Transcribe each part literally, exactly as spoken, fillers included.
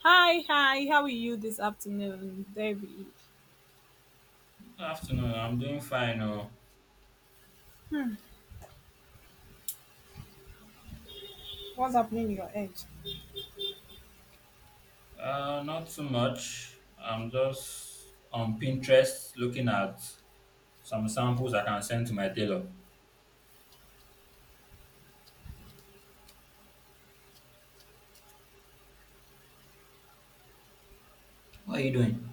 Hi, hi. How are you this afternoon, David? Afternoon. I'm doing fine. Oh, What's happening in your end? uh, not too much. I'm just on Pinterest looking at some samples I can send to my tailor. What are you doing?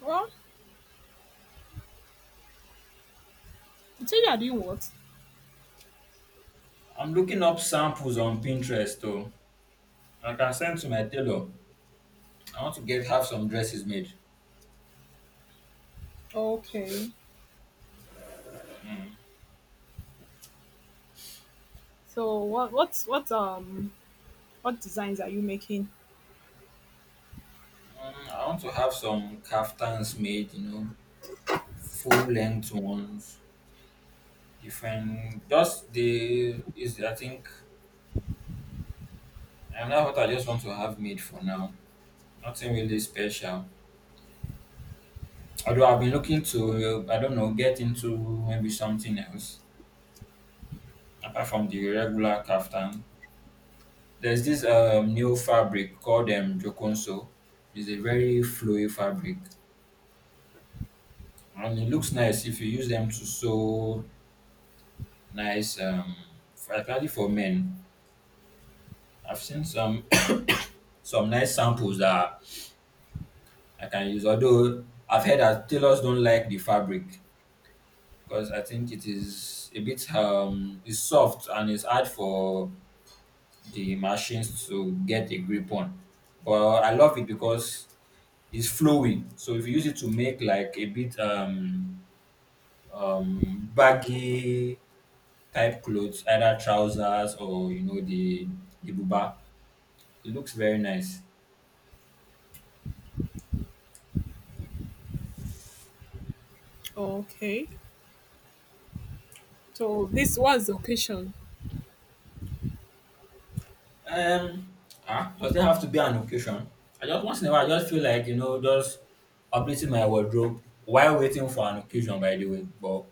Well, you said you are doing what? I'm looking up samples on Pinterest, though. I can send to my tailor. I want to get have some dresses made. Okay. So what? What's what? Um, what designs are you making? Mm, I want to have some kaftans made. You know, full length ones. Different. Just the is I think, and that's what I just want to have made for now. Nothing really special. Although I've been looking to, I don't know, get into maybe something else apart from the regular kaftan. There's this um, new fabric called um, Jokonso. It's a very flowy fabric, and it looks nice if you use them to sew nice, um, for, especially for men. I've seen some some nice samples that I can use. Although I've heard that tailors don't like the fabric because I think it is a bit um, it's soft, and it's hard for the machines to get a grip on. But I love it because it's flowing. So if you use it to make like a bit um um baggy type clothes, either trousers, or you know the the buba, it looks very nice. Okay. So this was the occasion. Um ah, does it have to be an occasion? I just once in a while I just feel like you know just updating my wardrobe, while waiting for an occasion, by the way. But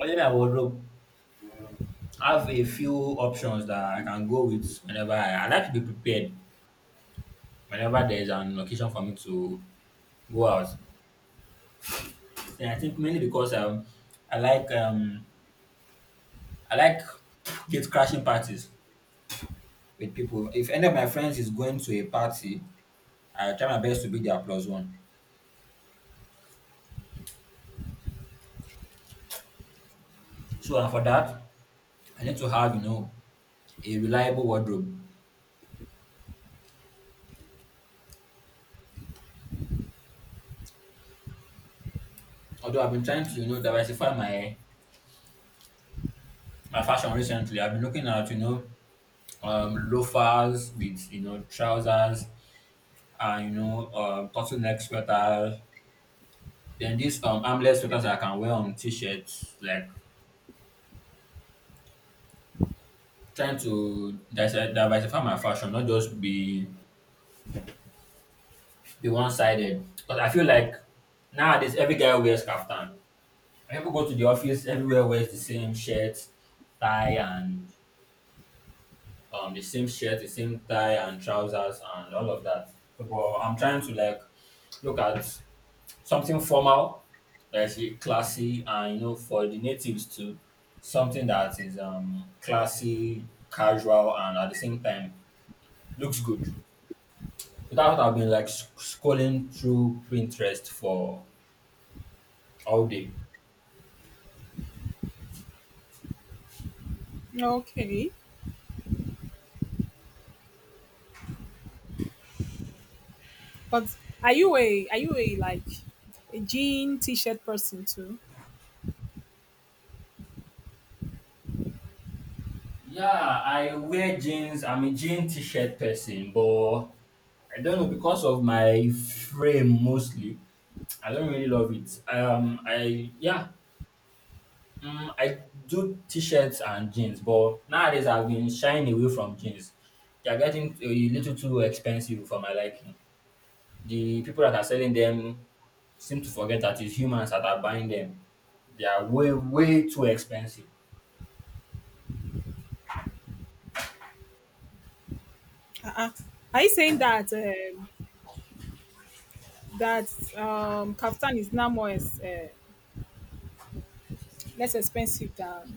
only my wardrobe have a few options that I can go with whenever I, I like to be prepared whenever there is an occasion for me to go out. And I think mainly because um I like um I like gate crashing parties with people. If any of my friends is going to a party, I try my best to be their plus one. So and for that, I need to have you know a reliable wardrobe. Although I've been trying to you know diversify my my fashion recently, I've been looking at you know um loafers with you know trousers, and you know um turtle neck sweater, then these um armless sweaters I can wear on t-shirts, like trying to dise- diversify my fashion, not just be be one-sided, because I feel like nowadays every guy wears kaftan. When people go to the office, everywhere wears the same shirt, tie and um the same shirt, the same tie and trousers and all of that. So, but I'm trying to like look at something formal, that's i- classy, and you know for the natives too, something that is um classy casual and at the same time looks good. So that's what I've been like sc- scrolling through Pinterest for all day. Okay. But are you a are you a like a jean t-shirt person too? Yeah, I wear jeans, I'm a jean t-shirt person, but I don't know, because of my frame mostly I don't really love it, um I yeah. Mm, I do t-shirts and jeans, but nowadays I've been shying away from jeans. They are getting a little too expensive for my liking. The people that are selling them seem to forget that it's humans that are buying them. They are way, way too expensive. Uh-uh. Are you saying that um, that um kaftan is now more as uh, less expensive than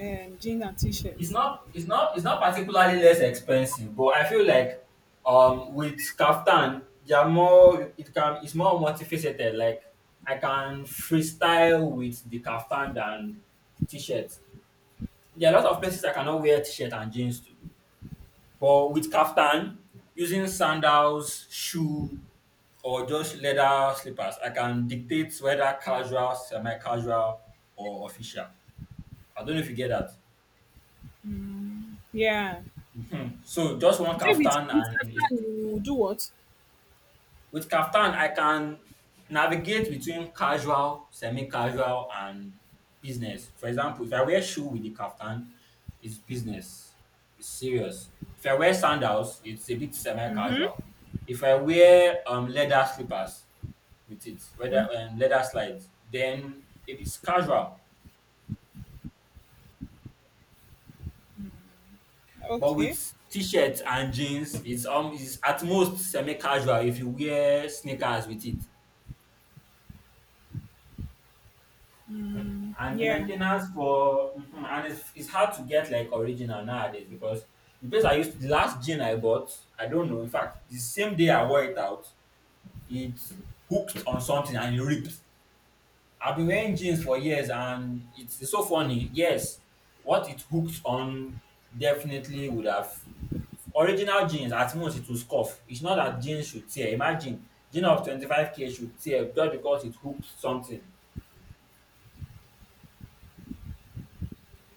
um, jean and It's t-shirts? not, it's not, it's not particularly less expensive, but I feel like um with kaftan, they are more. It can, it's more multifaceted. Like I can freestyle with the kaftan than the t-shirt. There are a lot of places I cannot wear t-shirt and jeans to. But with kaftan, using sandals, shoe, or just leather slippers, I can dictate whether casual, semi-casual, or official. I don't know if you get that. Yeah. So just one You said with kaftan, with and it's. Kaftan you do what? With kaftan, I can navigate between casual, semi-casual, and business. For example, if I wear shoe with the kaftan, it's business. It's serious. If I wear sandals, it's a bit semi-casual. If I wear um leather slippers with it, whether um, leather slides, then it's casual. But Okay. with t-shirts and jeans, it's um it's at most semi-casual if you wear sneakers with it. And the Yeah, maintenance for, mhm, and it's, it's hard to get like original nowadays, because the place I used, the last gin I bought, I don't know, in fact the same day I wore it out, it hooked on something and it ripped. I've been wearing jeans for years, and it's, so funny, yes, what it hooked on. Definitely would have, original jeans at most it will scuff, it's not that jeans should tear. Imagine jean of twenty-five k should tear just because it hooked something.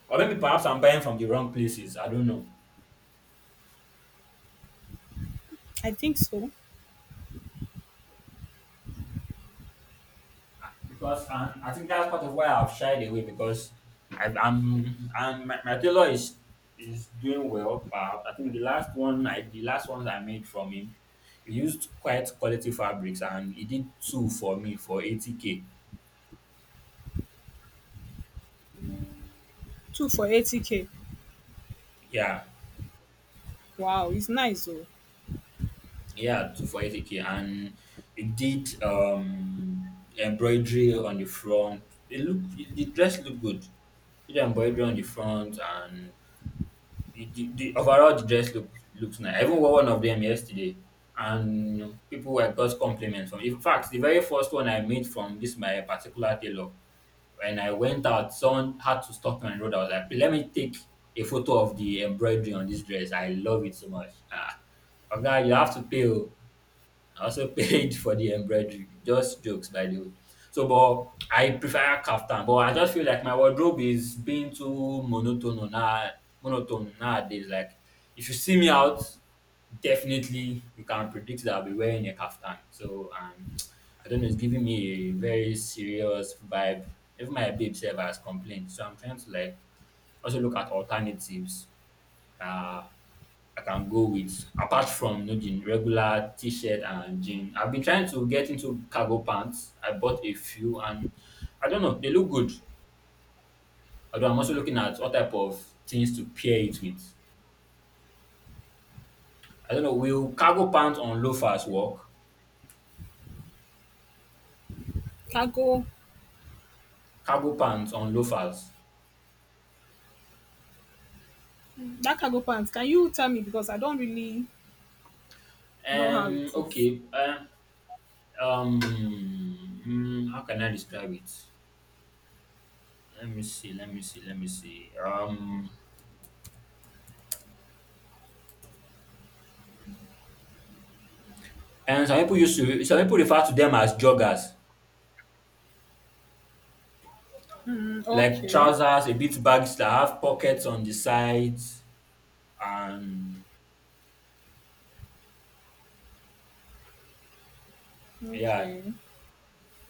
Or maybe perhaps I'm buying from the wrong places, I don't know. I think so. Because um I think that's part of why I've shied away, because I, I'm and my, my tailor is is doing well. But I think the last one I the last ones I made from him, he used quite quality fabrics, and he did two for me for eighty k. Two for eighty k. Yeah, Wow, it's nice though. yeah, two for eighty k, and he did um embroidery on the front. It looked it, the dress looked good. He did embroidery on the front, and it- the, the overall the dress look looks nice. I even wore one of them yesterday, and you know, people were got compliments from. In fact, the very first one I made from this my particular tailor, when I went out, someone had to stop me on the road. I was like, "Please, let me take a photo of the embroidery on this dress. I love it so much." Ah, okay, you have to pay. Oh. I also paid for the embroidery. Just jokes, by the way. So, but I prefer kaftan. But I just feel like my wardrobe is being too monotone now, monotone nowadays. Like, if you see me out, definitely you can predict that I'll be wearing a kaftan. So, um, I don't know. It's giving me a very serious vibe. Even my babe self has complained. So I'm trying to like also look at alternatives. Uh, I can go with, apart from you know the regular t-shirt and jean. I've been trying to get into cargo pants. I bought a few, and I don't know, they look good. Although I'm also looking at what type of things to pair it with. I don't know, will cargo pants on loafers work? Cargo Cargo pants on loafers. That cargo pants. Can you tell me because I don't really know how Um it is. Okay. Um um mm, how can I describe it? Let me see, let me see, let me see. Um and some people used to some people refer to them as joggers. Mm, Like okay. trousers, a bit bags that have pockets on the sides, and yeah, Okay.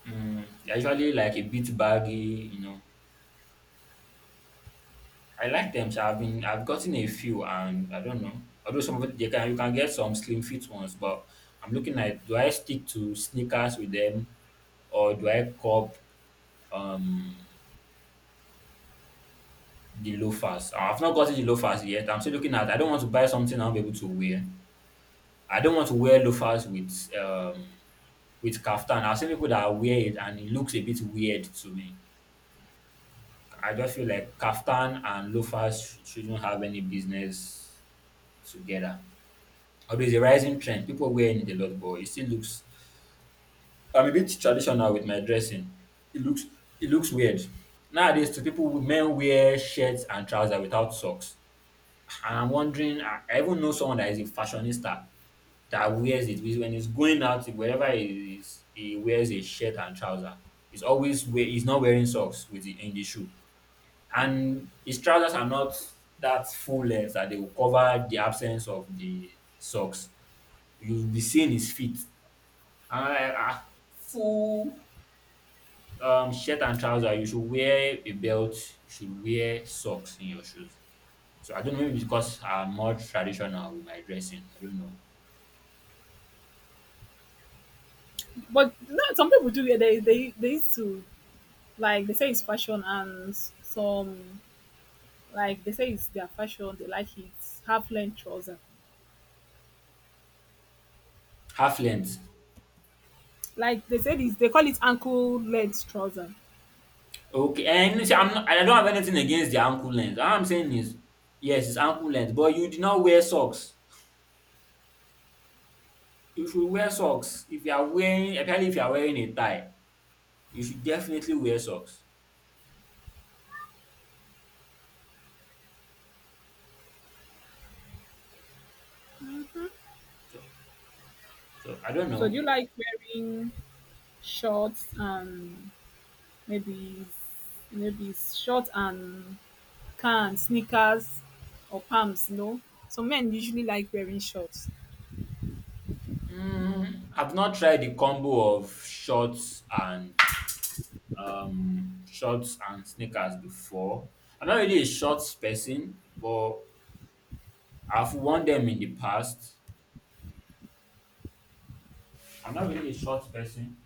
mm, they're usually like a bit baggy, you know. I like them, so I've been I've gotten a few, and I don't know. Although some of it, they can you can get some slim fit ones, but I'm looking at, do I stick to sneakers with them, or do I cop um the loafers? I've not gotten the loafers yet. I'm still looking at. I don't want to buy something I'll be able to wear. I don't want to wear loafers with um with kaftan. I've seen people that wear it, and it looks a bit weird to me. I just feel like kaftan and loafers sh- shouldn't have any business together. Although it's a rising trend, people wearing it a lot, but it still looks. I'm a bit traditional with my dressing. It looks it looks weird. Nowadays, to people, men wear shirts and trousers without socks, and I'm wondering. I I even know someone that is a fashionista that wears it. When he's going out, wherever he is, he wears a shirt and trouser. He's always wear, he's not wearing socks with the, in the shoe, and his trousers are not that full length that they will cover the absence of the socks. You'll be seeing his feet. And I'm like, ah, full um, shirt and trouser. You should wear a belt. You should wear socks in your shoes. So I don't know, maybe because I'm more traditional with my dressing. I don't know. But no, some people do it. they they they used to, like they say it's fashion, and some like they say it's their fashion, they like it. Half length trouser. Half length. Like they say it's they call it ankle length trouser. Okay, and see, I'm not, I don't have anything against the ankle length. All I'm saying is, yes, it's ankle length, but you did not wear socks. You should wear socks if you are wearing, especially if you are wearing a tie. You should definitely wear socks. So, so I don't So do know. you like wearing short and maybe maybe short and can sneakers or pumps, you know. Some men usually like wearing shorts, Mm, I've not tried the combo of shorts and um shorts and sneakers before. I'm not really a shorts person, but I've worn them in the past. I'm not really a shorts person.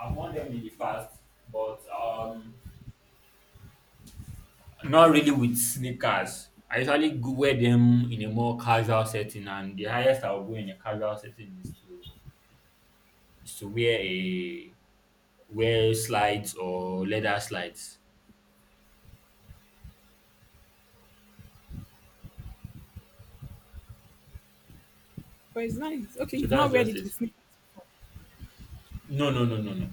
I've worn them in the past, but um Not really with sneakers. I usually go wear them in a more casual setting, and the highest I'll go in a casual setting is to is to wear a wear slides or leather slides. but it's nice. Okay, So you've not that's wear just it with it. sneakers, No, no, no, no, no.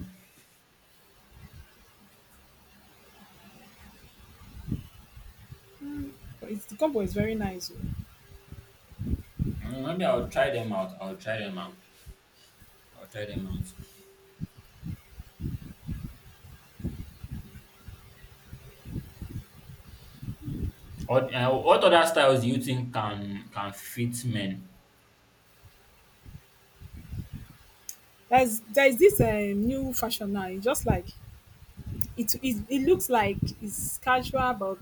but it's, the combo is very nice. Oh. Mm, Maybe I'll try them out. I'll try them out. I'll try them out. What, uh, what other styles do you think can can fit men? There's there's this um, new fashion now. It's just like it, it it looks like it's casual, but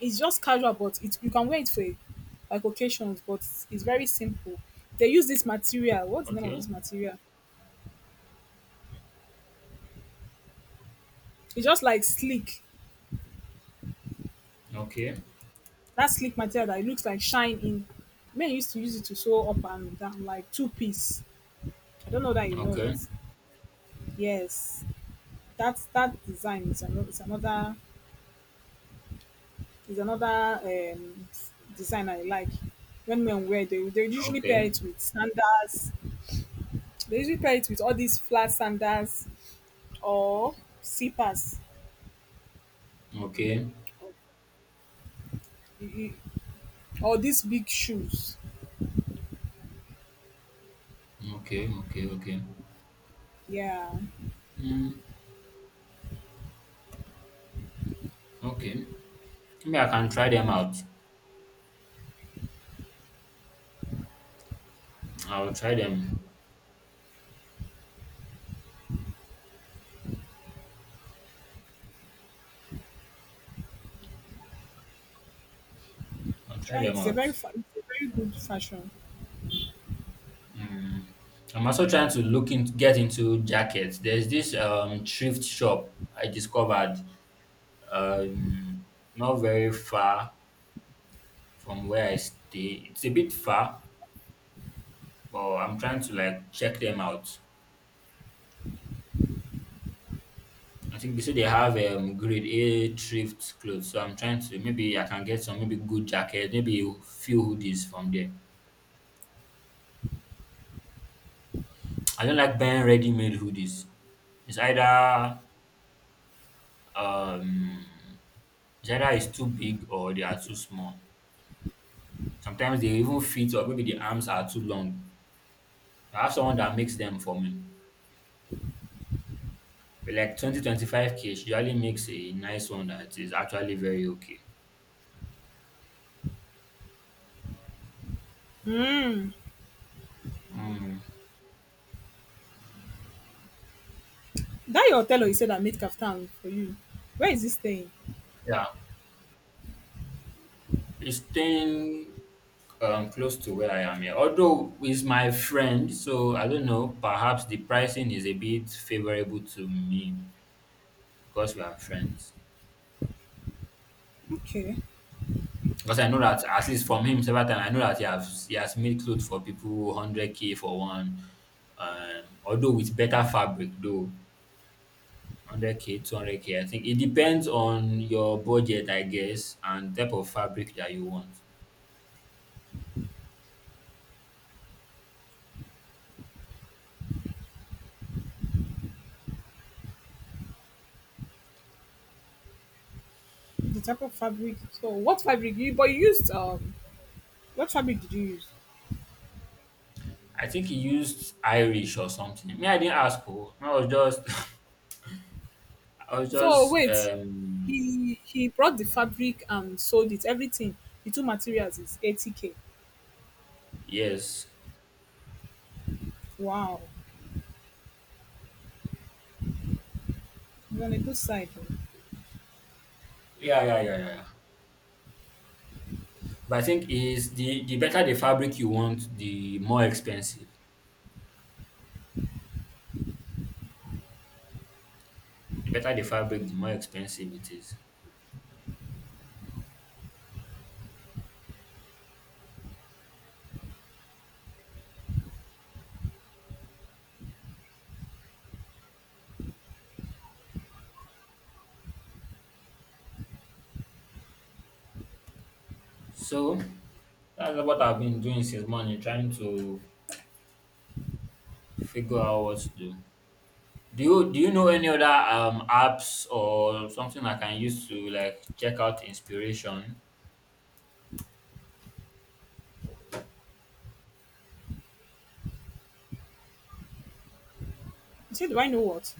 it's just casual, but it you can wear it for like occasions, but it's very simple. They use this material. What's the name of Okay, this material? It's just like sleek. okay, That slick material that it looks like shine in. Men used to use it to sew up and down, like two piece. I don't know that you know it. okay, Yes, that that design is another is another is another um, design I like. When men wear, they they usually pair okay, it with sandals. They usually pair it with all these flat sandals or slippers, okay, or, or these big shoes. okay, okay, okay. Yeah, Mm, okay. Maybe I can try them out. I'll try them. I'll try try it. them It's a very out. fa- it's a very good fashion. I'm also trying to look into get into jackets. There's this um thrift shop I discovered um not very far from where I stay. It's a bit far, but I'm trying to like check them out. I think they say they have um grade A thrift clothes, so I'm trying to maybe I can get some maybe good jacket, maybe a few hoodies from there. I don't like buying ready-made hoodies. It's either um It's either it's too big or they are too small. Sometimes they even fit or maybe the arms are too long. I have someone that makes them for me. But like twenty twenty five k she usually makes a nice one that is actually very okay. Mm, That your tailor you said that made kaftan for you, where is he staying? yeah, it's staying um, close to where I am here. Although it's my friend, so I don't know, perhaps the pricing is a bit favorable to me because we are friends. Okay. Because I know that at least from him several times, I know that he has he has made clothes for people hundred K for one, um, although with better fabric though. one hundred k, two hundred k. I think it depends on your budget, I guess, and type of fabric that you want. The type of fabric. So what fabric you but you used um what fabric did you use? I think he used Irish or something. Me, I didn't ask. Oh, I was just, I was So just, wait, um, he he brought the fabric and sold it, everything. The two materials is eighty k. yes, Wow. You're on a good side. Oh. yeah, yeah, yeah, yeah, yeah. But I think is the the better the fabric you want, the more expensive. The better the fabric, the more expensive it is. So that's what I've been doing since morning, trying to figure out what to do. Do you do you know any other um apps or something I can use to like check out inspiration? You said do I know what?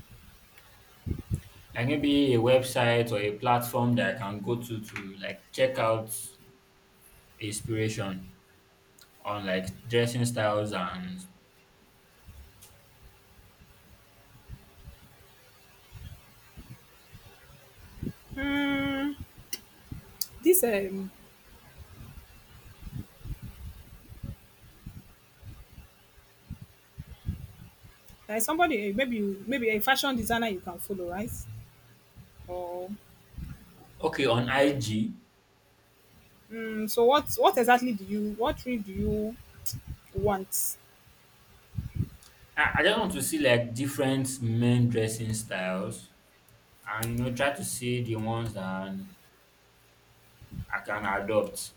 Like maybe a website or a platform that I can go to to like check out inspiration on like dressing styles and Hmm. This um like somebody, eh, maybe you maybe a fashion designer you can follow, right? Or okay on I G. hmm. So what what exactly do you what tree do you want? I I just want to see like different men dressing styles and you know try to see the ones that I can adopt.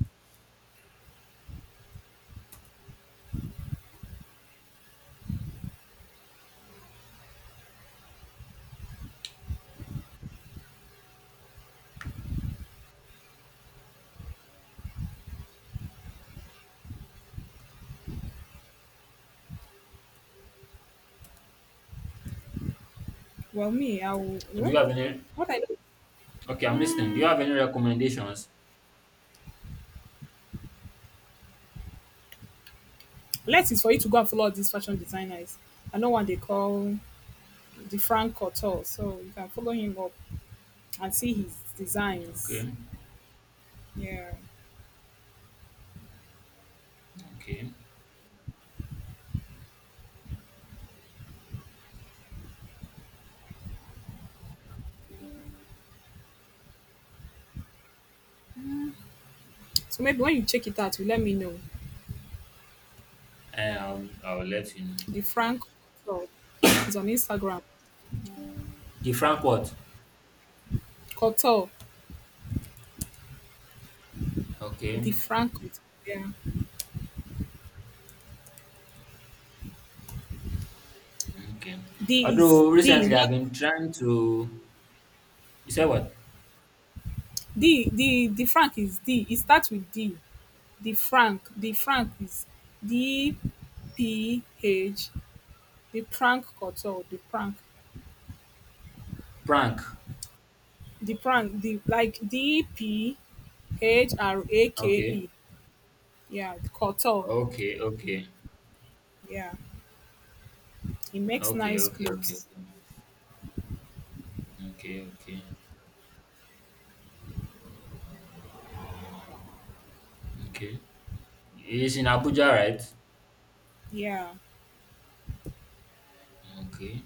Well, me, I will. Do Well, you have any what I do? Okay, I'm listening. Do you Mm, have any recommendations? less is for you to go and follow all these fashion designers. I know one they call the Frank Couture, so you can follow him up and see his designs. Okay, Yeah. okay. So maybe when you check it out, you let me know. Um, I'll I'll let you know. The Frank Couture is on Instagram. The Frankfurt. Couture, Okay, the Frank. Couture. Yeah. okay. D is Although D, recently I've not been trying to, you said what? D. The the Frank is D. It starts with D. The Frank. The Frank is D P H. The Prank Culture, the prank, Prank. the prank, the like D P H R A K Okay, E. Yeah, the Couture. okay, okay, Yeah, he makes okay, nice okay, okay, clothes. okay, okay, okay, okay. It's in Abuja, right? Yeah, Okay,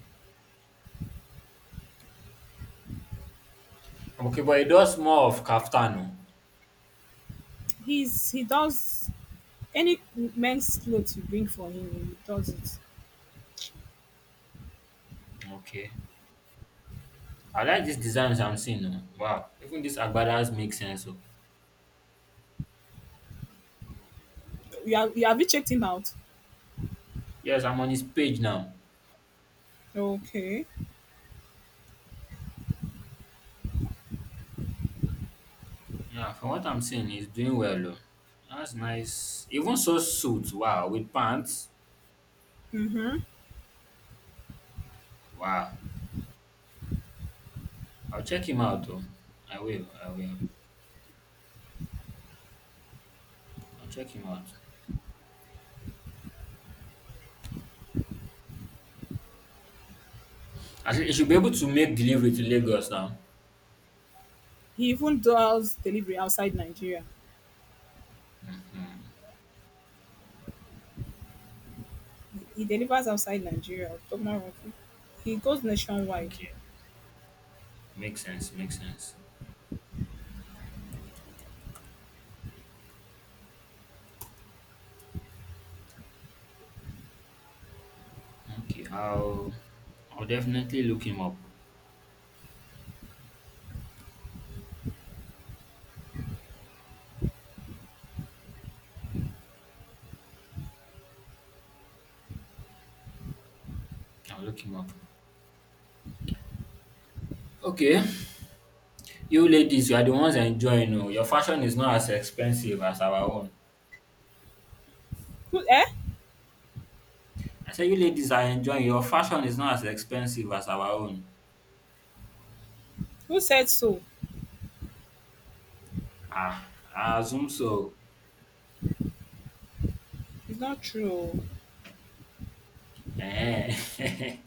okay, but it does more of kaftano. he's he does any men's clothes you bring for him, he does it. Okay, I like these designs I'm seeing. Oh. Wow, even this Agbada's make sense. Oh, You have, you have you checked him out? yes, I'm on his page now. Okay. Yeah, from what I'm seeing, he's doing well. Oh. That's nice. Even so suit, wow, with pants. Wow. I'll check him out though. I will, I will. I'll check him out. I think he should be able to make delivery to Lagos now. He even does delivery outside Nigeria. He delivers outside Nigeria. Tomorrow, he goes nationwide. Okay. Makes sense, makes sense. Okay, I'll I'll definitely look him up. I'll look him up. Okay. You ladies, you are the ones enjoying. Oh. Your fashion is not as expensive as our own. Who eh? I said you ladies are enjoying. Your fashion is not as expensive as our own. Who said so? Ah, I assume so. It's not true. Oh. Eh.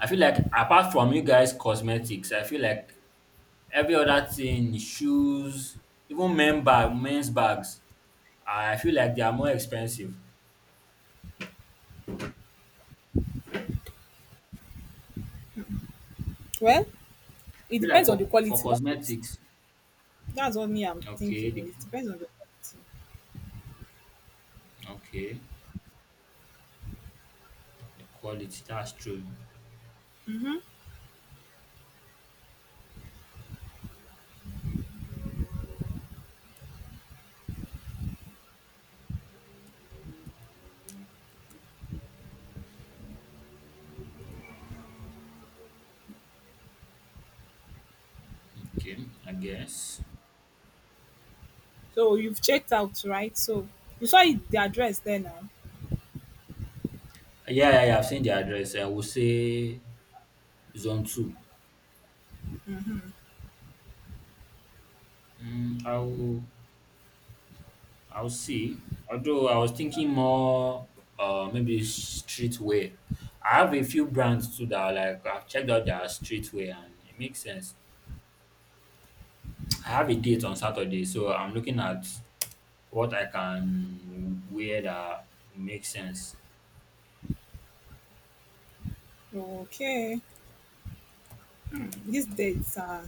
I feel like apart from you guys cosmetics, I feel like every other thing, shoes, even men bag, men's bags, I feel like they are more expensive. Well, I it feel like depends on the for for quality. That's it. cosmetics, That's what me I'm okay, thinking. the, It depends on the quality. okay, the quality, that's true. Okay, I guess. So you've checked out, right? So you saw it, the address there now. Yeah, yeah, yeah. I've seen the address. I will say zone two. Mm, I will I'll see. Although I was thinking more, uh, maybe streetwear. I have a few brands too that I like I've checked out their streetwear and it makes sense. I have a date on Saturday, so I'm looking at what I can wear that makes sense. Okay. These dates are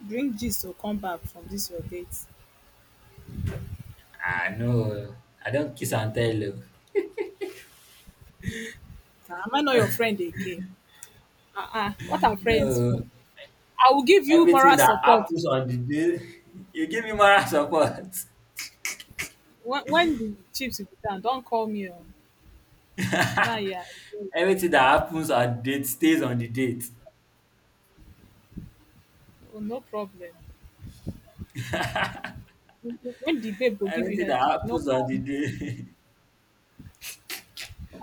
bring gist to come back from this your date. I know I don't kiss and tell. Ah, am I not your Oh. friend again? Ah, ah. What are friends for? no, I will give you everything moral that support. happens on the day, you give me moral support. When, when the chips will be down, don't call me. Oh. Now, yeah, oh, everything that happens on date stays on the date. no problem. When the babe will give you Everything that headache, no happens on call the me. day,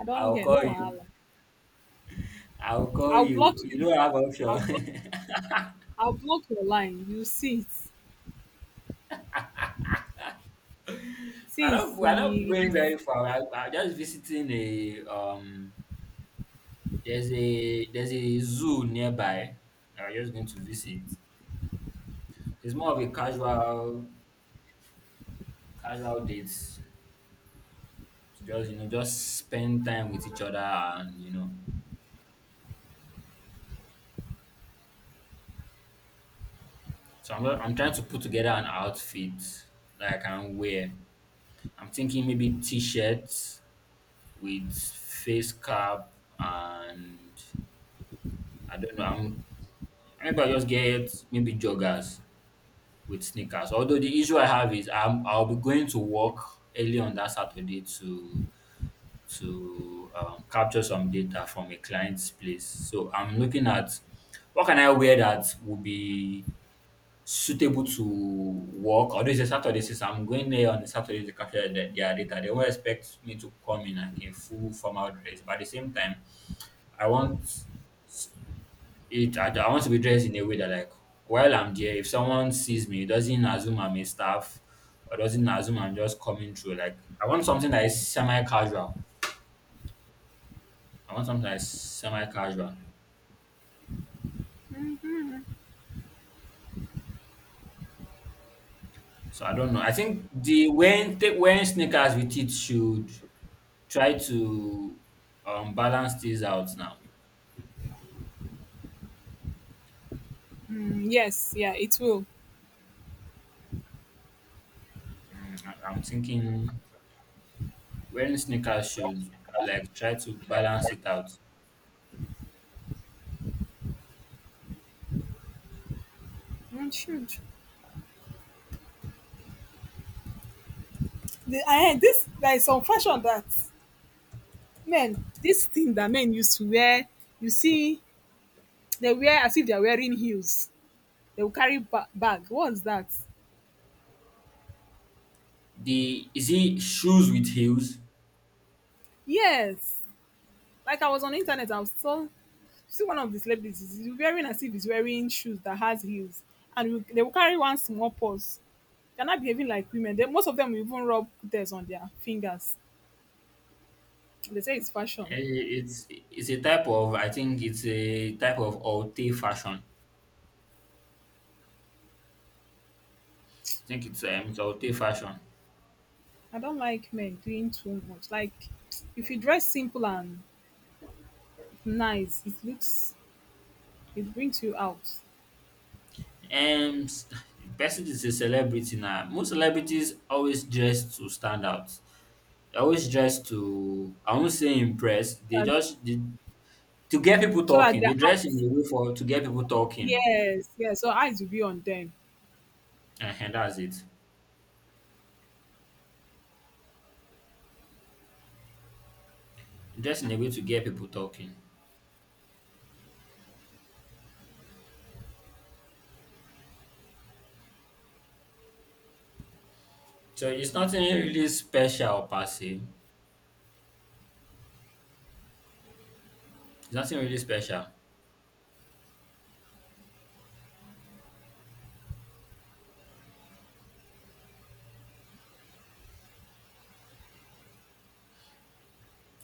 I don't I'll hear, call no you. wahala. I'll call I'll block you. You you. don't have I'll block, option. I'll block your line. You see it. I'm not. Since We're not going yes, very far. I, I'm just visiting a um. There's a there's a zoo nearby. I'm just going to visit. It's more of a casual casual date to just you know just spend time with each other and you know. So I'm not- I'm trying to put together an outfit that I can wear. I'm thinking maybe t-shirts with face cap and I don't know. I'm, maybe I just get maybe joggers with sneakers. Although the issue I have is I'm, I'll be going to work early on that Saturday to to um, capture some data from a client's place. So I'm looking at what can I wear that will be suitable to work. Although it's a Saturday, since I'm going there on a Saturday to capture the, their data, they won't expect me to come in like a full formal dress. But at the same time, I want It I, I want to be dressed in a way that like while I'm there, if someone sees me, it doesn't assume I'm a staff or doesn't assume I'm just coming through. Like I want something that is semi-casual. I want something that is semi-casual. So I don't know. I think the wearing take wearing sneakers with it should try to um balance these out now. mm, yes, yeah, it will. I, I'm thinking wearing sneakers should like try to balance it out. Mm, should. The, I, this There is some fashion that men this thing that men used to wear. You see, they wear as if they are wearing heels. They will carry ba- bag. What's that? The is it shoes with heels? Yes. Like I was on the internet, I was saw see one of the celebrities is wearing as if he's wearing shoes that has heels, and will- they will carry one small purse. They're not behaving like women. They, most of them even rub there's on their fingers. They say it's fashion. Eh, It's it's a type of I think it's a type of haute fashion. I think it's um it's haute fashion. I don't like men doing too much. Like if you dress simple and nice, it looks it brings you out. Um, s- person is a celebrity now. Most celebrities always dress to stand out. They always dress to I won't say impress. They That- just they, to get people So that talking. their They dress in eyes, a way for to get people talking, yes, yes. So eyes will be on them. and that's it. Dress in a way to get people talking. So it's nothing really special per se. It's nothing really special.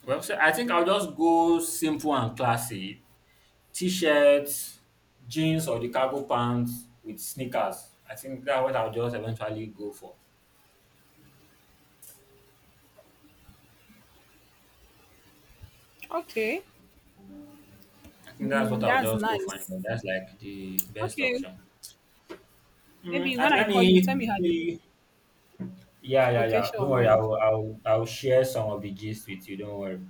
Well, so I think I'll just go simple and classy. T-shirts, jeans or the cargo pants with sneakers. I think that's what I'll just eventually go for. Okay, I think that's what mm, I'll that's just go for. nice. And that's like the best Okay, option. Mm, maybe when and I let call you, tell me how the me. Yeah, yeah, yeah. Don't location worry. went. I'll, I'll, I'll share some of the gist with you. Don't worry.